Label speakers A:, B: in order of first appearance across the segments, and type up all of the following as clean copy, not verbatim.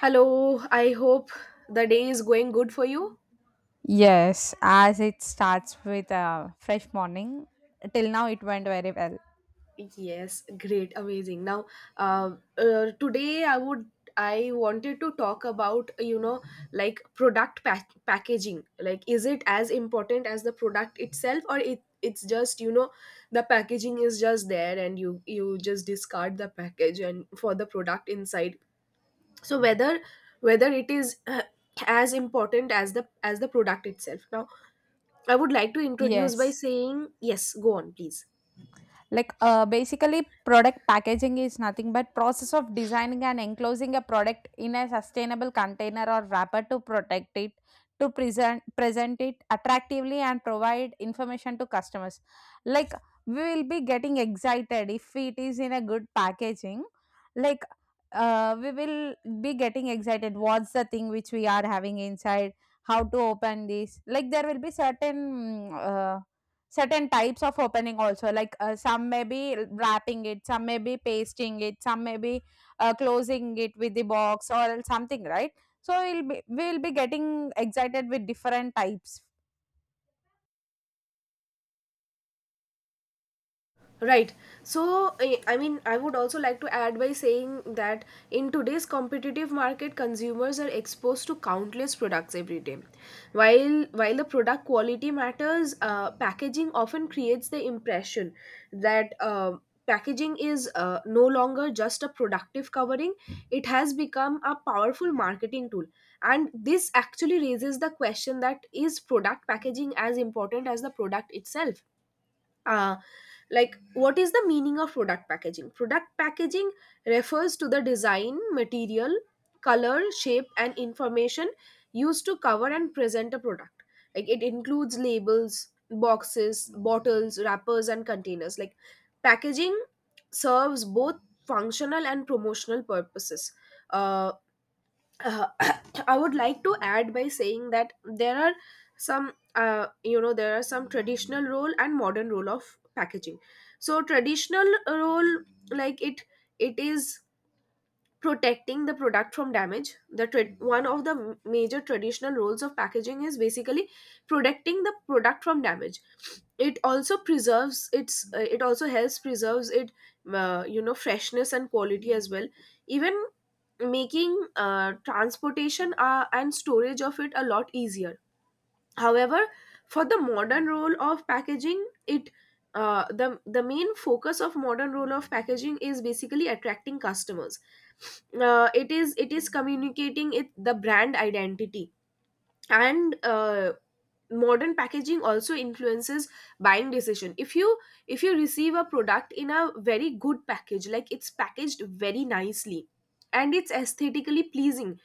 A: Hello, I hope the day is going good for you.
B: Yes, as it starts with a fresh morning. Till now, it went very well.
A: Yes, great, amazing. Now, uh, today I wanted to talk about like product packaging. Like, is it as important as the product itself, or it's just the packaging is just there and you just discard the package and for the product inside. So whether it is as important as the product itself. Now I would like to introduce by
B: Yes.
A: saying, yes, go on, please.
B: Like, basically, product packaging is nothing but process of designing and enclosing a product in a sustainable container or wrapper to protect it, to present it attractively and provide information to customers. Like, we will be getting excited if it is in a good packaging. Like, we will be getting excited. What's the thing which we are having inside? How to open this? Like, there will be certain certain types of opening also, like some may be wrapping it, some may be pasting it, some may be closing it with the box or something, right. So we'll be getting excited with different types.
A: Right. So, I mean, I would also like to add by saying that in today's competitive market, consumers are exposed to countless products every day. While the product quality matters, packaging often creates the impression that packaging is no longer just a productive covering; it has become a powerful marketing tool. And this actually raises the question that is product packaging as important as the product itself? uh, like, what is the meaning of product packaging? Product packaging refers to the design, material, color, shape, and information used to cover and present a product. Like, it includes labels, boxes, bottles, wrappers, and containers. Like packaging serves both functional and promotional purposes. uh, uh, I would like to add by saying that there are there are some traditional role and modern role of packaging. So traditional role, like it, it is protecting the product from damage. One of the major traditional roles of packaging is basically protecting the product from damage. It also preserves its it also helps preserves it freshness and quality as well, even making transportation and storage of it a lot easier. However, for the modern role of packaging, it the main focus of modern role of packaging is basically attracting customers. It is communicating it the brand identity, and modern packaging also influences buying decision. If you if you receive a product in a very good package, like it's packaged very nicely and it's aesthetically pleasing,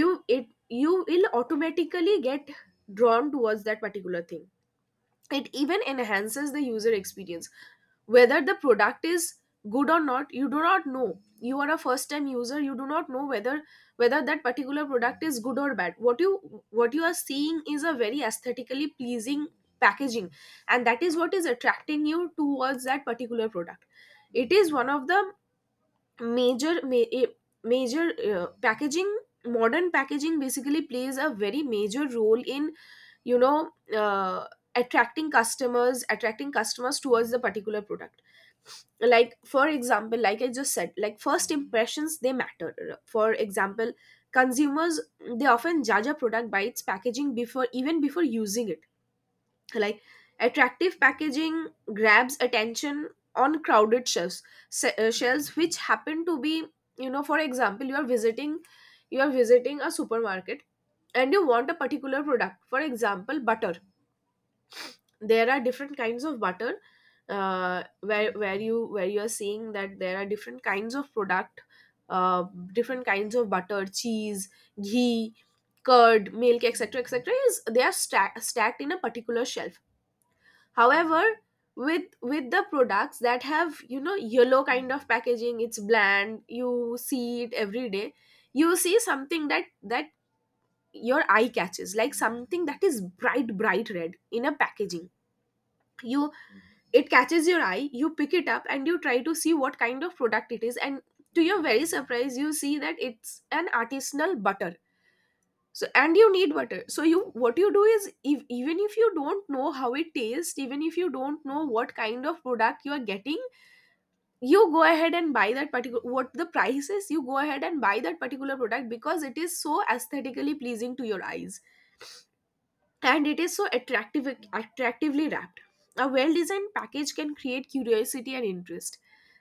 A: you will automatically get drawn towards that particular thing. It even enhances the user experience. Whether the product is good or not, you do not know. You are a first time user, you do not know whether that particular product is good or bad. What you are seeing is a very aesthetically pleasing packaging, and that is what is attracting you towards that particular product. It is one of the major ma- eh, major packaging modern packaging basically plays a very major role in you know uh, attracting customers, attracting customers towards the particular product. Like, for example, like I just said, like first impressions, they matter. For example, consumers, they often judge a product by its packaging before, even before using it. Like, attractive packaging grabs attention on crowded shelves, shelves which happen to be, you know. For example, you are visiting, you are visiting a supermarket and you want a particular product, for example butter. There are different kinds of butter. Where you, where you are seeing that there are different kinds of product, uh, different kinds of butter, cheese, ghee, curd, milk, etc., etc. is, they are stacked in a particular shelf. However, with the products that have, you know, yellow kind of packaging, it's bland, you see it every day. You see something that your eye catches, like something that is bright red in a packaging. You It catches your eye, you pick it up and you try to see what kind of product it is, and to your very surprise you see that it's an artisanal butter. So, and you need butter, so you what you do is, if, even if you don't know how it tastes, even if you don't know what kind of product you are getting, you go ahead and buy that particular, what the price is, you go ahead and buy that particular product because it is so aesthetically pleasing to your eyes and it is so attractive, attractively wrapped. A well designed package can create curiosity and interest,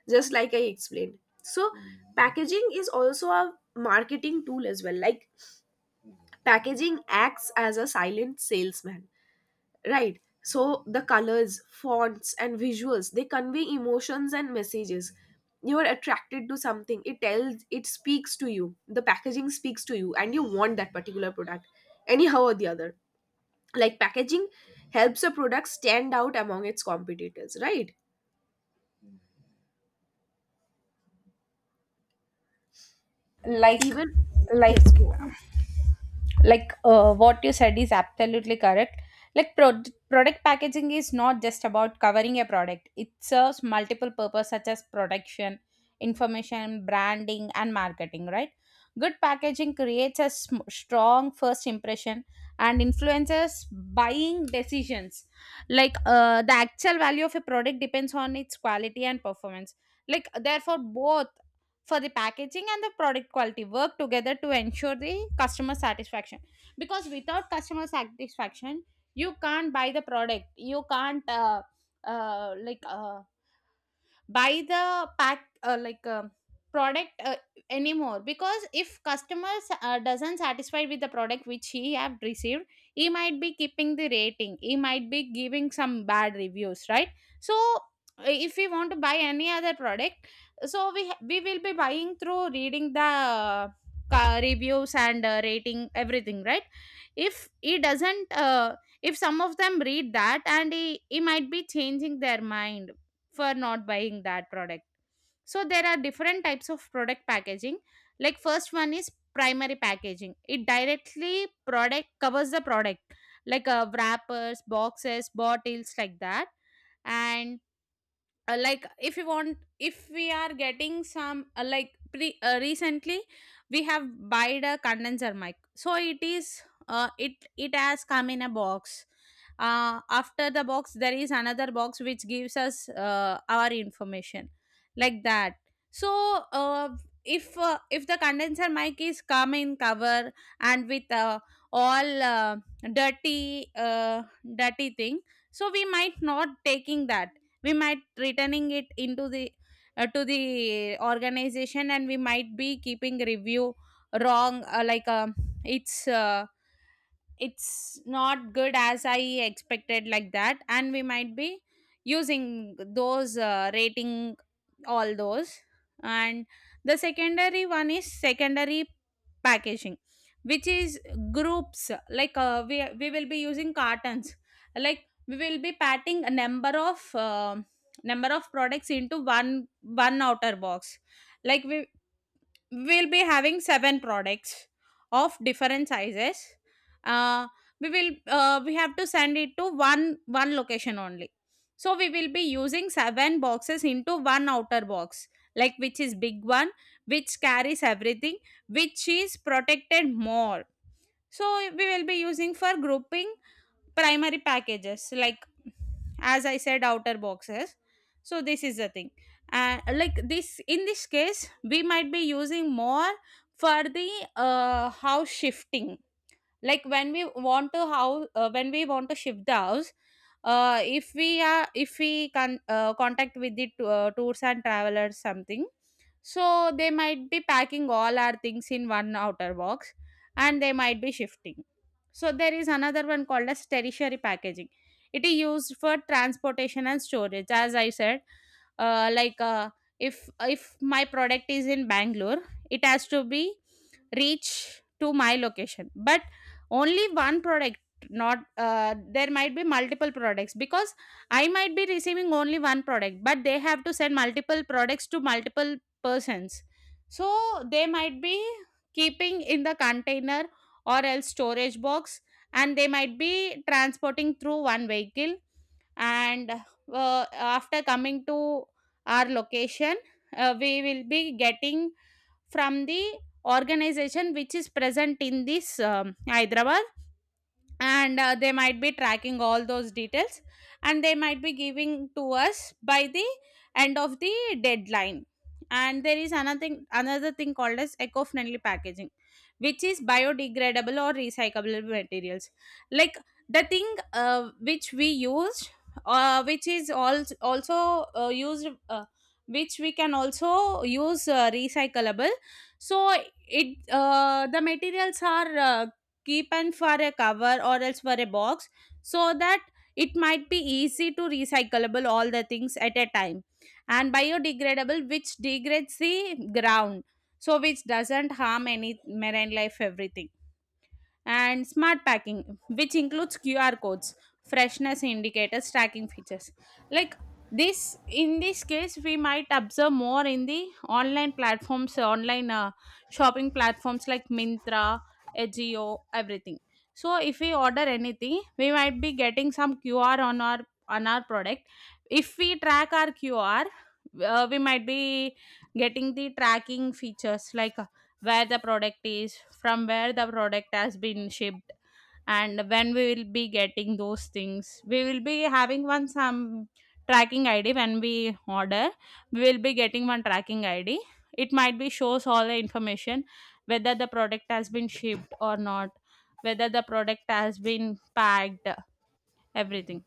A: just like I explained. So packaging is also a marketing tool as well. Like, packaging acts as a silent salesman, right? So the colors, fonts, and visuals, they convey emotions and messages. You are attracted to something, it tells, it speaks to you, the packaging speaks to you and you want that particular product anyhow or the other. Like, packaging helps a product stand out among its competitors, right?
B: like
A: Even
B: like
A: yes go.
B: like uh, what you said is absolutely correct. Like product packaging is not just about covering a product. It serves multiple purpose, such as production, information, branding and marketing, right. Good packaging creates a strong first impression and influences buying decisions. Like, the actual value of a product depends on its quality and performance. Like, therefore, both for the packaging and the product quality work together to ensure the customer satisfaction. Because without customer satisfaction, you can't buy the product. You can't uh, like uh, buy the pack like product anymore, because if customers doesn't satisfied with the product which he have received, he might be keeping the rating, he might be giving some bad reviews, right. So if we want to buy any other product, so we we will be buying through reading the reviews and rating, everything, right. If he doesn't if some of them read that, and he might be changing their mind for not buying that product. So there are different types of product packaging. Like, first one is primary packaging. It directly product covers the product, like wrappers, boxes, bottles, like that. And like if you want, if we are getting some like pre recently we have buyed a condenser mic, so it is it it has come in a box. After the box there is another box which gives us our information, like that. So uh, if the condenser mic is come in cover and with all dirty dirty thing, so we might not taking that. We might returning it into the to the organization, and we might be keeping review wrong, it's uh, it's not good as I expected, like that, and we might be using those rating, all those. And the secondary one is secondary packaging, which is groups, like we will be using cartons. Like we will be patting a number of products into one outer box. Like we'll be having seven products of different sizes. uh, we have to send it to one location only, so we will be using seven boxes into one outer box, like which is big one, which carries everything, which is protected more. So we will be using for grouping primary packages, like, as I said, outer boxes. So this is the thing, and like this, in this case, we might be using more for the house shifting. Like when we want to house when we want to shift the house, if we are, if we can contact with the tours and travelers something, so they might be packing all our things in one outer box, and they might be shifting. So there is another one called as tertiary packaging. It is used for transportation and storage, as I said. uh, like uh, if if my product is in Bangalore, it has to be reach to my location. But only one product, not there might be multiple products, because I might be receiving only one product but they have to send multiple products to multiple persons. So they might be keeping in the container or else storage box, and they might be transporting through one vehicle. And after coming to our location, we will be getting from the organization which is present in this Hyderabad, and they might be tracking all those details, and they might be giving to us by the end of the deadline. And there is another thing called as eco-friendly packaging, which is biodegradable or recyclable materials. Like the thing which we use, uh, which is al- also uh, used uh, which we can also use recyclable. So it the materials are keep and for a cover or else for a box, so that it might be easy to recyclable all the things at a time. And biodegradable which degrades the ground, so which doesn't harm any marine life, everything. And smart packing, which includes QR codes, freshness indicators, tracking features. Like this, in this case, we might observe more in the online platforms, online shopping platforms, like Mintra, Ajio, everything. So if we order anything, we might be getting some QR on our product. If we track our QR, we might be getting the tracking features, like where the product is, from where the product has been shipped, and when we will be getting those things. We will be having one some tracking id when we order. We will be getting one tracking id. It might be shows all the information, whether the product has been shipped or not, whether the product has been packed, everything.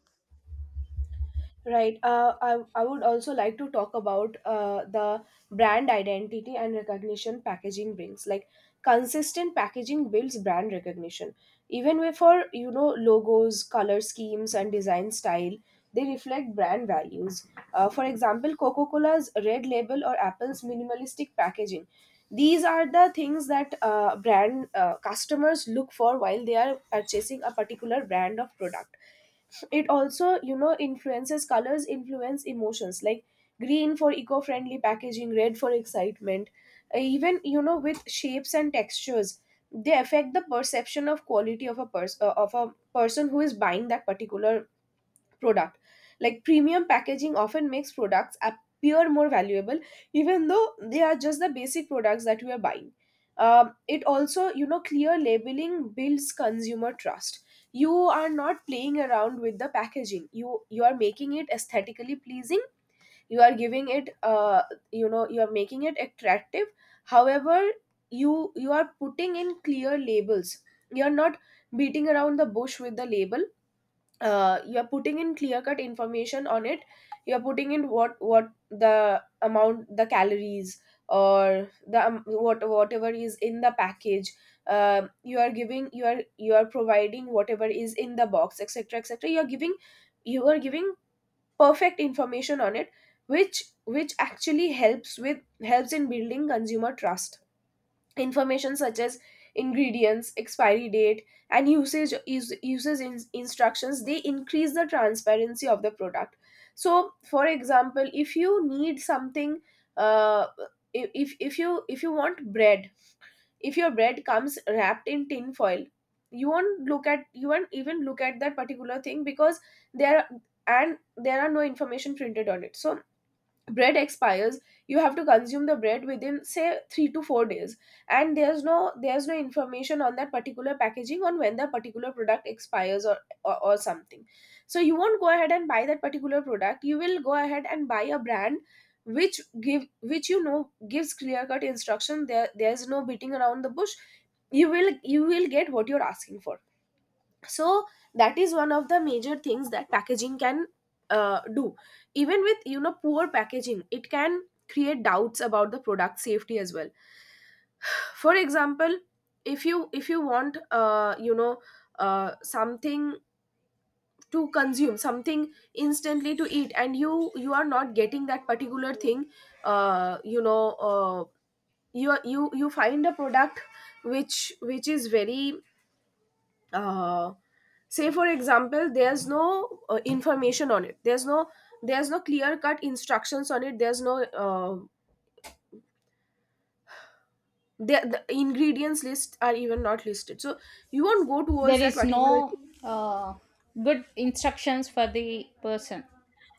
A: Right. I would also like to talk about the brand identity and recognition packaging brings. Like, consistent packaging builds brand recognition. Even with, for you know, logos, color schemes, and design style, they reflect brand values. For example, Coca Cola's red label or Apple's minimalistic packaging. These are the things that brand customers look for while they are purchasing a particular brand of product. It also, you know, influences colors, influence emotions, like green for eco-friendly packaging, red for excitement. Even, you know, with shapes and textures, they affect the perception of quality of a person, of a person who is buying that particular product. Like premium packaging often makes products appear more valuable, even though they are just the basic products that we are buying. It also, you know, clear labeling builds consumer trust. You are not playing around with the packaging. You are making it aesthetically pleasing. You are giving it, you know, you are making it attractive. However, you are putting in clear labels. You are not beating around the bush with the label. You are putting in clear cut information on it. You are putting in what the amount, the calories, or the what, whatever is in the package. You are giving, you are, you are providing whatever is in the box, etc., etc. You are giving perfect information on it, which actually helps with, helps in building consumer trust. Information such as ingredients, expiry date, and usage use, uses in, instructions, they increase the transparency of the product. So for example, if you need something, uh, if, you, if you want bread, if your bread comes wrapped in tin foil, you won't look at, you won't even look at that particular thing, because there, and there are no information printed on it. So bread expires, you have to consume the bread within, say, 3 to 4 days, and there's no, there's no information on that particular packaging on when that particular product expires, or, or something. So you won't go ahead and buy that particular product. You will go ahead and buy a brand which give which, you know, gives clear cut instruction. There, there's no beating around the bush. You will you will get what you're asking for. So that is one of the major things that packaging can do. Even with, you know, poor packaging, it can create doubts about the product safety as well. For example, if you want, something to consume, something instantly to eat, and you are not getting that particular thing, uh, you know uh, you you find a product which, is very, uh, say for example, there's no information on it, there's no, there's no clear cut instructions on it, there's no the, the ingredients list are even not listed, so you won't go towards
B: There
A: that
B: is
A: particular.
B: no uh, good instructions for the person.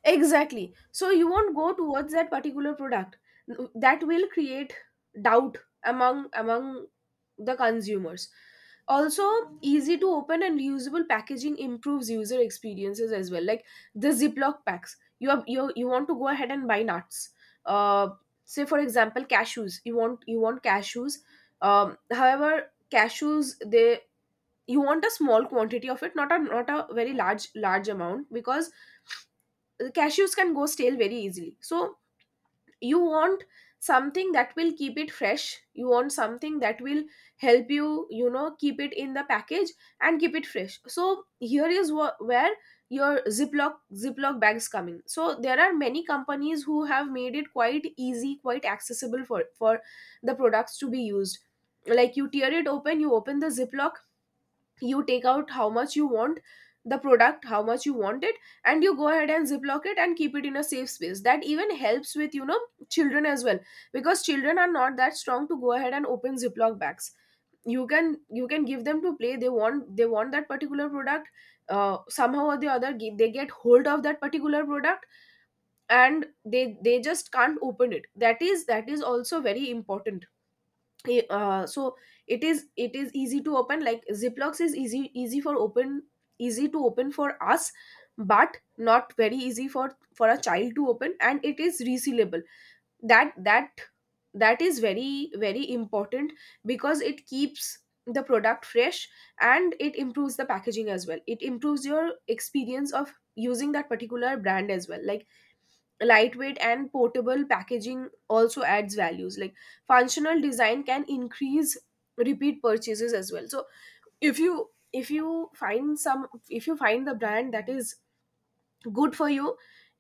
A: Exactly. So you won't go towards that particular product. That will create doubt among, among the consumers. Also, easy to open and reusable packaging improves user experiences as well. Like the Ziploc packs. You have, you want to go ahead and buy nuts. Uh, Say for example, cashews. You want cashews. However, cashews, they you want a small quantity of it, not a very large amount because cashews can go stale very easily, so you want something that will keep it fresh. You want something that will help you you know keep it in the package and keep it fresh. So here is where your ziploc bags come in. So there are many companies who have made it quite easy, quite accessible for the products to be used. Like, you tear it open, you open the ziploc, you take out how much you want the product, how much you want it, and you go ahead and ziplock it and keep it in a safe space. That even helps with, you know, children as well, because children are not that strong to go ahead and open ziploc bags. You can give them to play. They want that particular product. Somehow or the other, they get hold of that particular product, and they just can't open it. That is also very important. So it is easy to open. Like, ziplocs is easy for open, easy to open for us, but not very easy for a child to open, and it is resealable. That that that is very important because it keeps the product fresh, and it improves the packaging as well. It improves your experience of using that particular brand as well. Like, lightweight and portable packaging also adds values. Like, functional design can increase repeat purchases as well. So if you find some, if you find the brand that is good for you,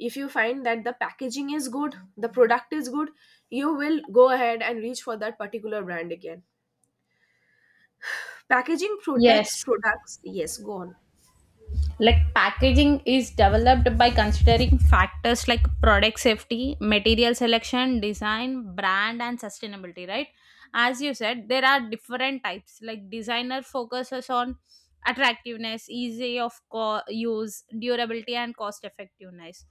A: if you find that the packaging is good, the product is good, you will go ahead and reach for that particular brand again. Packaging protects
B: Yes.
A: products. Yes, go on.
B: Like packaging is developed by considering factors like product safety, material selection, design, brand and sustainability, right. As you said, there are different types. Like designer focuses on attractiveness, easy of use, durability and cost effectiveness.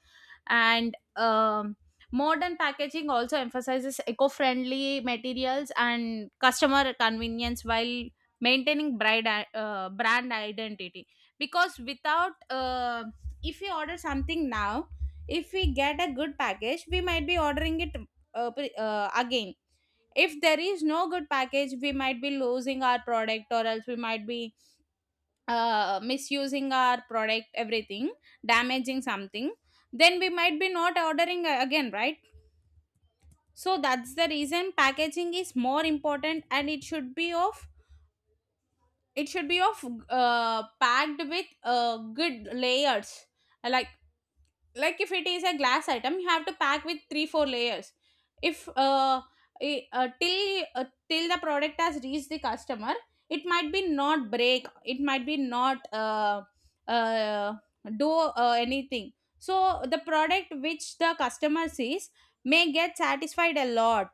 B: And modern packaging also emphasizes eco-friendly materials and customer convenience while maintaining brand identity. Because without if we order something now, if we get a good package, we might be ordering it again. If there is no good package, we might be losing our product, or else we might be misusing our product, everything, damaging something, then we might be not ordering again, right. So that's the reason packaging is more important, and it should be of it should be of packed with good layers. Like if it is a glass item, you have to pack with 3 or 4 layers. If till the product has reached the customer, it might be not break. It might be not uh, uh, do anything. So the product which the customer sees may get satisfied a lot.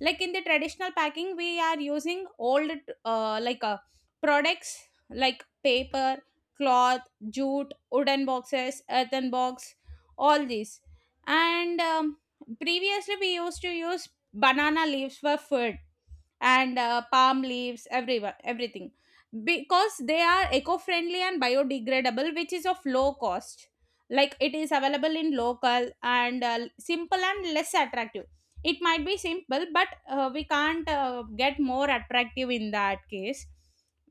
B: Like in the traditional packing, we are using old, uh, like uh, products, like paper, cloth, jute, wooden boxes, earthen box, all these. And previously we used to use banana leaves for food, and palm leaves, everything, because they are eco-friendly and biodegradable, which is of low cost, like it is available in local, and simple and less attractive. It might be simple, but we can't get more attractive in that case.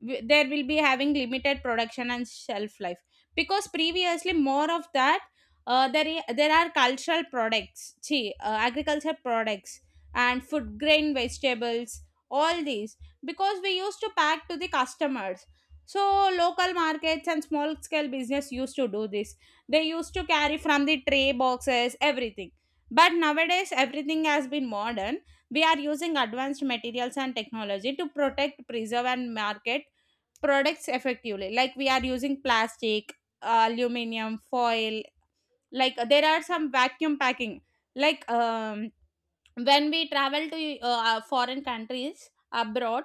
B: There will be having limited production and shelf life, because previously more of that, there are cultural products, see, agriculture products and food grain vegetables, all these, because we used to pack to the customers. So local markets and small scale business used to do this. They used to carry from the tray boxes, everything. But nowadays everything has been modern. We are using advanced materials and technology to protect, preserve and market products effectively, like we are using plastic, aluminum foil. Like, there are some vacuum packing. Like, when we travel to foreign countries abroad,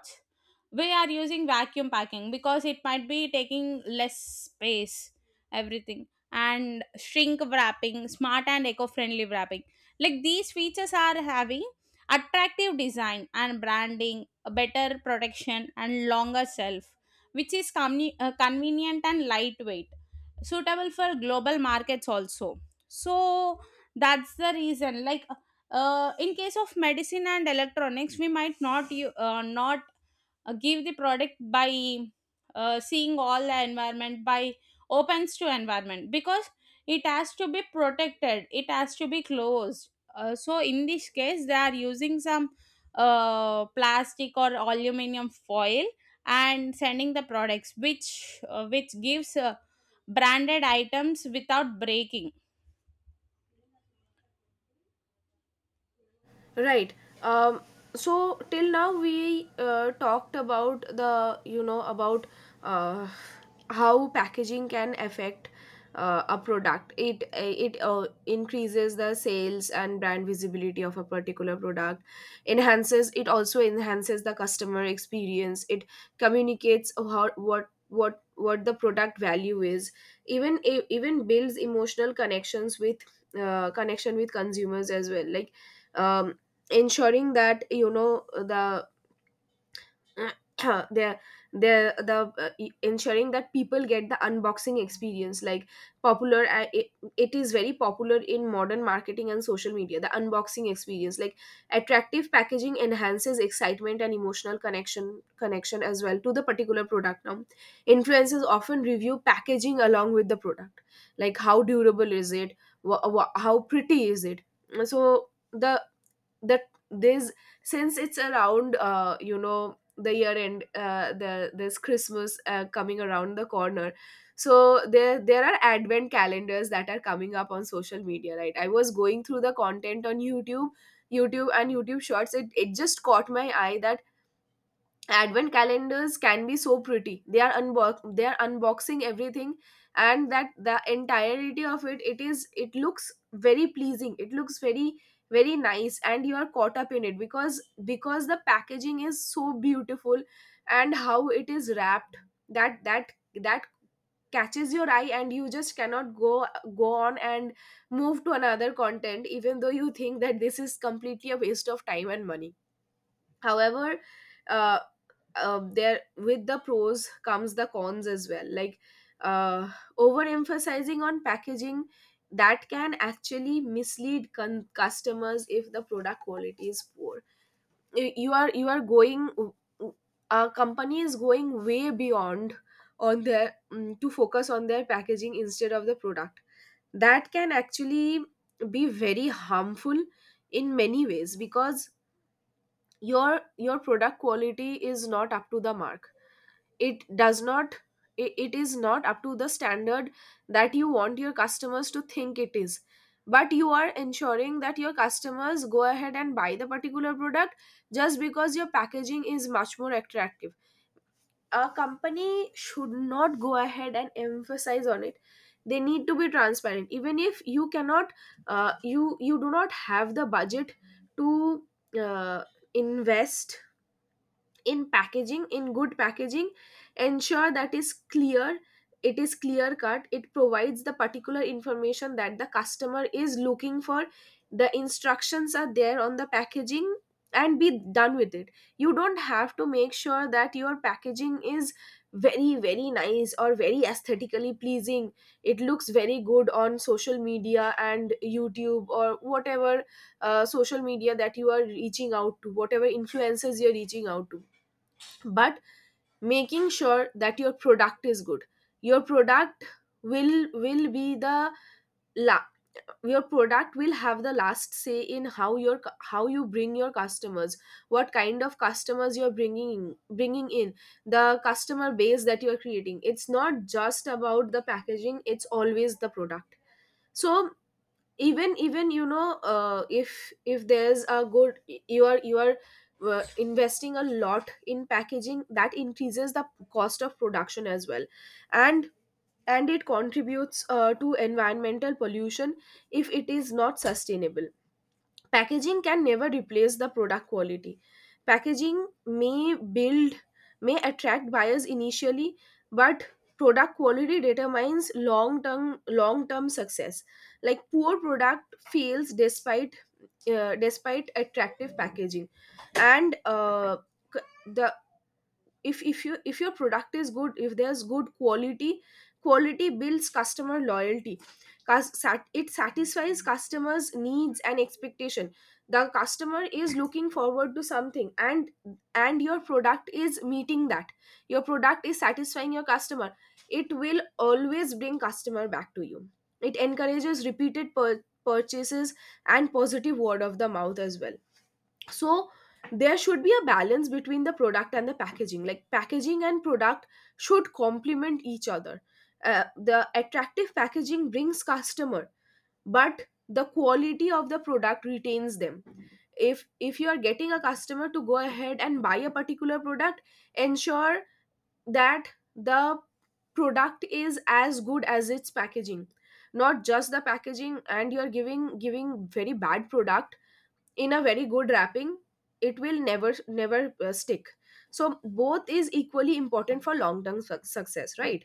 B: we are using vacuum packing because it might be taking less space, everything. And shrink wrapping, smart and eco-friendly wrapping, like these features are having attractive design and branding, a better protection and longer shelf, which is convenient and lightweight, suitable for global markets also. So that's the reason, like in case of medicine and electronics, we might not give the product by seeing all the environment by opens to environment, because it has to be protected, it has to be closed. So in this case they are using some plastic or aluminum foil and sending the products which gives branded items without breaking.
A: Right. Um, so till now we talked about, the you know, about uh, how packaging can affect a product. It increases the sales and brand visibility of a particular product. Enhances, it also enhances the customer experience. It communicates how, what the product value is. Even builds emotional connections with connection with consumers as well. Like, um, ensuring that, you know, the the ensuring that people get the unboxing experience. Like, popular, it is very popular in modern marketing and social media, the unboxing experience. Like, attractive packaging enhances excitement and emotional connection as well to the particular product. Now influencers often review packaging along with the product, like how durable is it, how pretty is it. So the, that there's, since it's around, you know, the year end, there's christmas coming around the corner. So there are advent calendars that are coming up on social media, right? I was going through the content on youtube and youtube shorts. It just caught my eye that advent calendars can be so pretty. They are unbox, they are unboxing everything, and that the entirety of it, it is it looks very pleasing. It looks very nice, and you are caught up in it because the packaging is so beautiful and how it is wrapped. That that that catches your eye, and you just cannot go on and move to another content even though you think that this is completely a waste of time and money. However, uh, there, with the pros comes the cons as well. Like, uh, overemphasizing on packaging, that can actually mislead customers if the product quality is poor. You are going, a company is going way beyond on their to focus on their packaging instead of the product. That can actually be very harmful in many ways because your product quality is not up to the mark. It does not, it is not up to the standard that you want your customers to think it is. But you are ensuring that your customers go ahead and buy the particular product just because your packaging is much more attractive. A company should not go ahead and emphasize on it. They need to be transparent. Even if you cannot, you, you do not have the budget to uh, invest in packaging, in good packaging, ensure that is clear, it is clear cut, it provides the particular information that the customer is looking for, the instructions are there on the packaging, and be done with it. You don't have to make sure that your packaging is very nice or very aesthetically pleasing. It looks very good on social media and youtube or whatever, social media that you are reaching out to, whatever influencers you're reaching out to. But making sure that your product is good, your product will be the, la- your product will have the last say in how your how you bring your customers, what kind of customers you're bringing in, the customer base that you're creating. It's not just about the packaging, it's always the product. So, even, even, you know, if there's a good, you are investing a lot in packaging, that increases the cost of production as well, and and it contributes to environmental pollution if it is not sustainable. Packaging can never replace the product quality. Packaging may build, may attract buyers initially, but product quality determines long term success. Like, poor product fails despite despite attractive packaging. And the, if you, if your product is good, if there's good quality, quality builds customer loyalty. It satisfies customers needs and expectation. The customer is looking forward to something, and your product is meeting that. Your product is satisfying your customer. It will always bring customer back to you. It encourages repeated purchases and positive word of the mouth as well. So there should be a balance between the product and the packaging. Like, packaging and product should complement each other. The attractive packaging brings customer, but the quality of the product retains them. If you are getting a customer to go ahead and buy a particular product, ensure that the product is as good as its packaging, not just the packaging and you are giving very bad product in a very good wrapping. It will never stick. So both is equally important for long term success, right?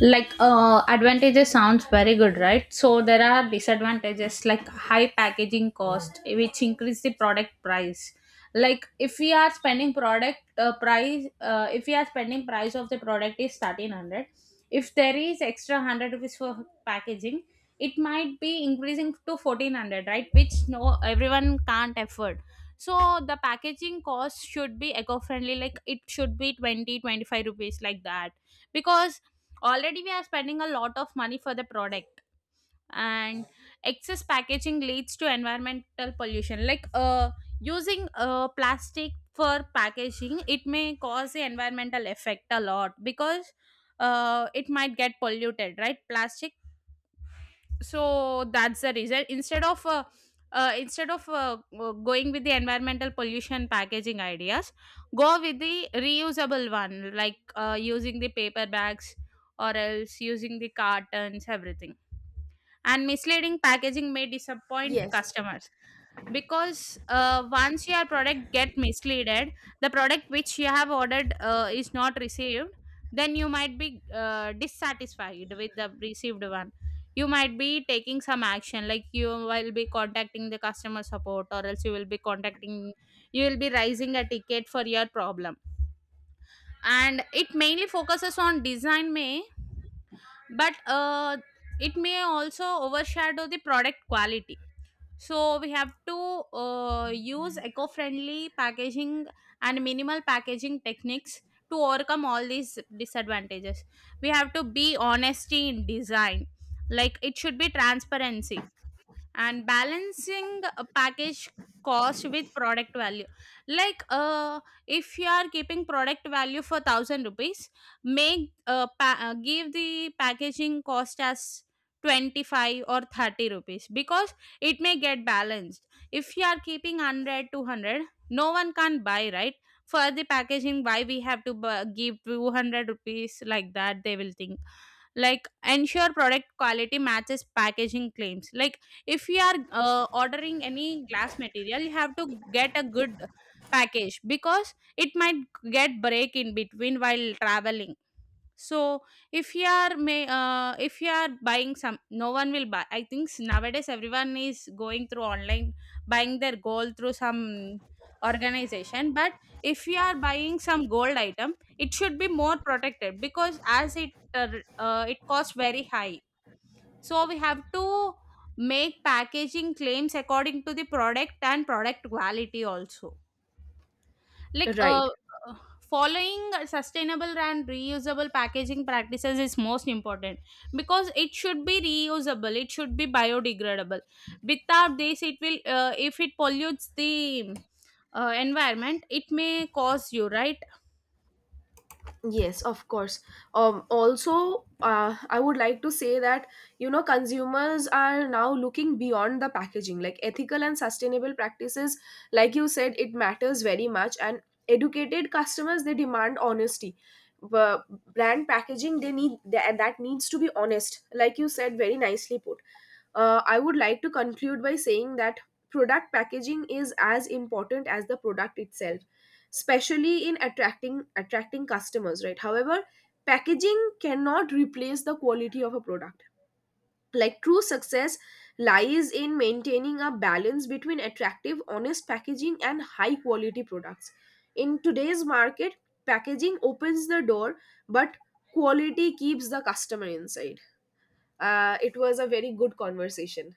B: Like advantages sounds very good, right, so there are disadvantages like high packaging cost which increase the product price. Like if we are spending product price if we are spending price of the product is 1,300, if there is extra 100 rupees for packaging, it might be increasing to 1,400, right, which no everyone can't afford. So the packaging cost should be eco-friendly, like it should be 20 25 rupees, like that, because already we are spending a lot of money for the product. And excess packaging leads to environmental pollution, like using plastic for packaging, it may cause the environmental effect a lot, because it might get polluted, right, plastic. So that's the reason instead of going with the environmental pollution packaging ideas, go with the reusable one, like using the paper bags or else using the cartons, everything. And misleading packaging may disappoint
A: Yes.
B: customers, because once your product get misleaded, the product which you have ordered is not received, then you might be dissatisfied with the received one. You might be taking some action, like you will be contacting the customer support, or else you will be raising a ticket for your problem. And it mainly focuses on design, may but it may also overshadow the product quality. So we have to use eco-friendly packaging and minimal packaging techniques to overcome all these disadvantages. We have to be honesty in design, like it should be transparency and balancing a package cost with product value. Like if you are keeping product value for 1,000 rupees, give the packaging cost as 25 or 30 rupees, because it may get balanced. If you are keeping 100 200, no one can buy, right. For the packaging why we have to give 200 rupees, like that they will think. Like ensure product quality matches packaging claims, like if you are ordering any glass material, you have to get a good package, because it might get break in between while traveling. So if you are may if you are buying some, no one will buy, I think nowadays everyone is going through online, buying their gold through some organization. But if you are buying some gold item, it should be more protected, because as it it costs very high. So we have to make packaging claims according to the product and product quality also. Like
A: Right.
B: uh, following sustainable and reusable packaging practices is most important, because it should be reusable. It should be biodegradable. Without this, it will if it pollutes the environment, it may cause you, right.
A: Yes, of course. Also, I would like to say that, you know, consumers are now looking beyond the packaging, like ethical and sustainable practices, like you said, it matters very much. And educated customers, they demand honesty, but brand packaging, they need that, that needs to be honest. Like you said, very nicely put. I would like to conclude by saying that product packaging is as important as the product itself, especially in attracting customers. Right. However, packaging cannot replace the quality of a product. Like, true success lies in maintaining a balance between attractive, honest packaging and high quality products. In today's market, packaging opens the door, but quality keeps the customer inside. It was a very good conversation.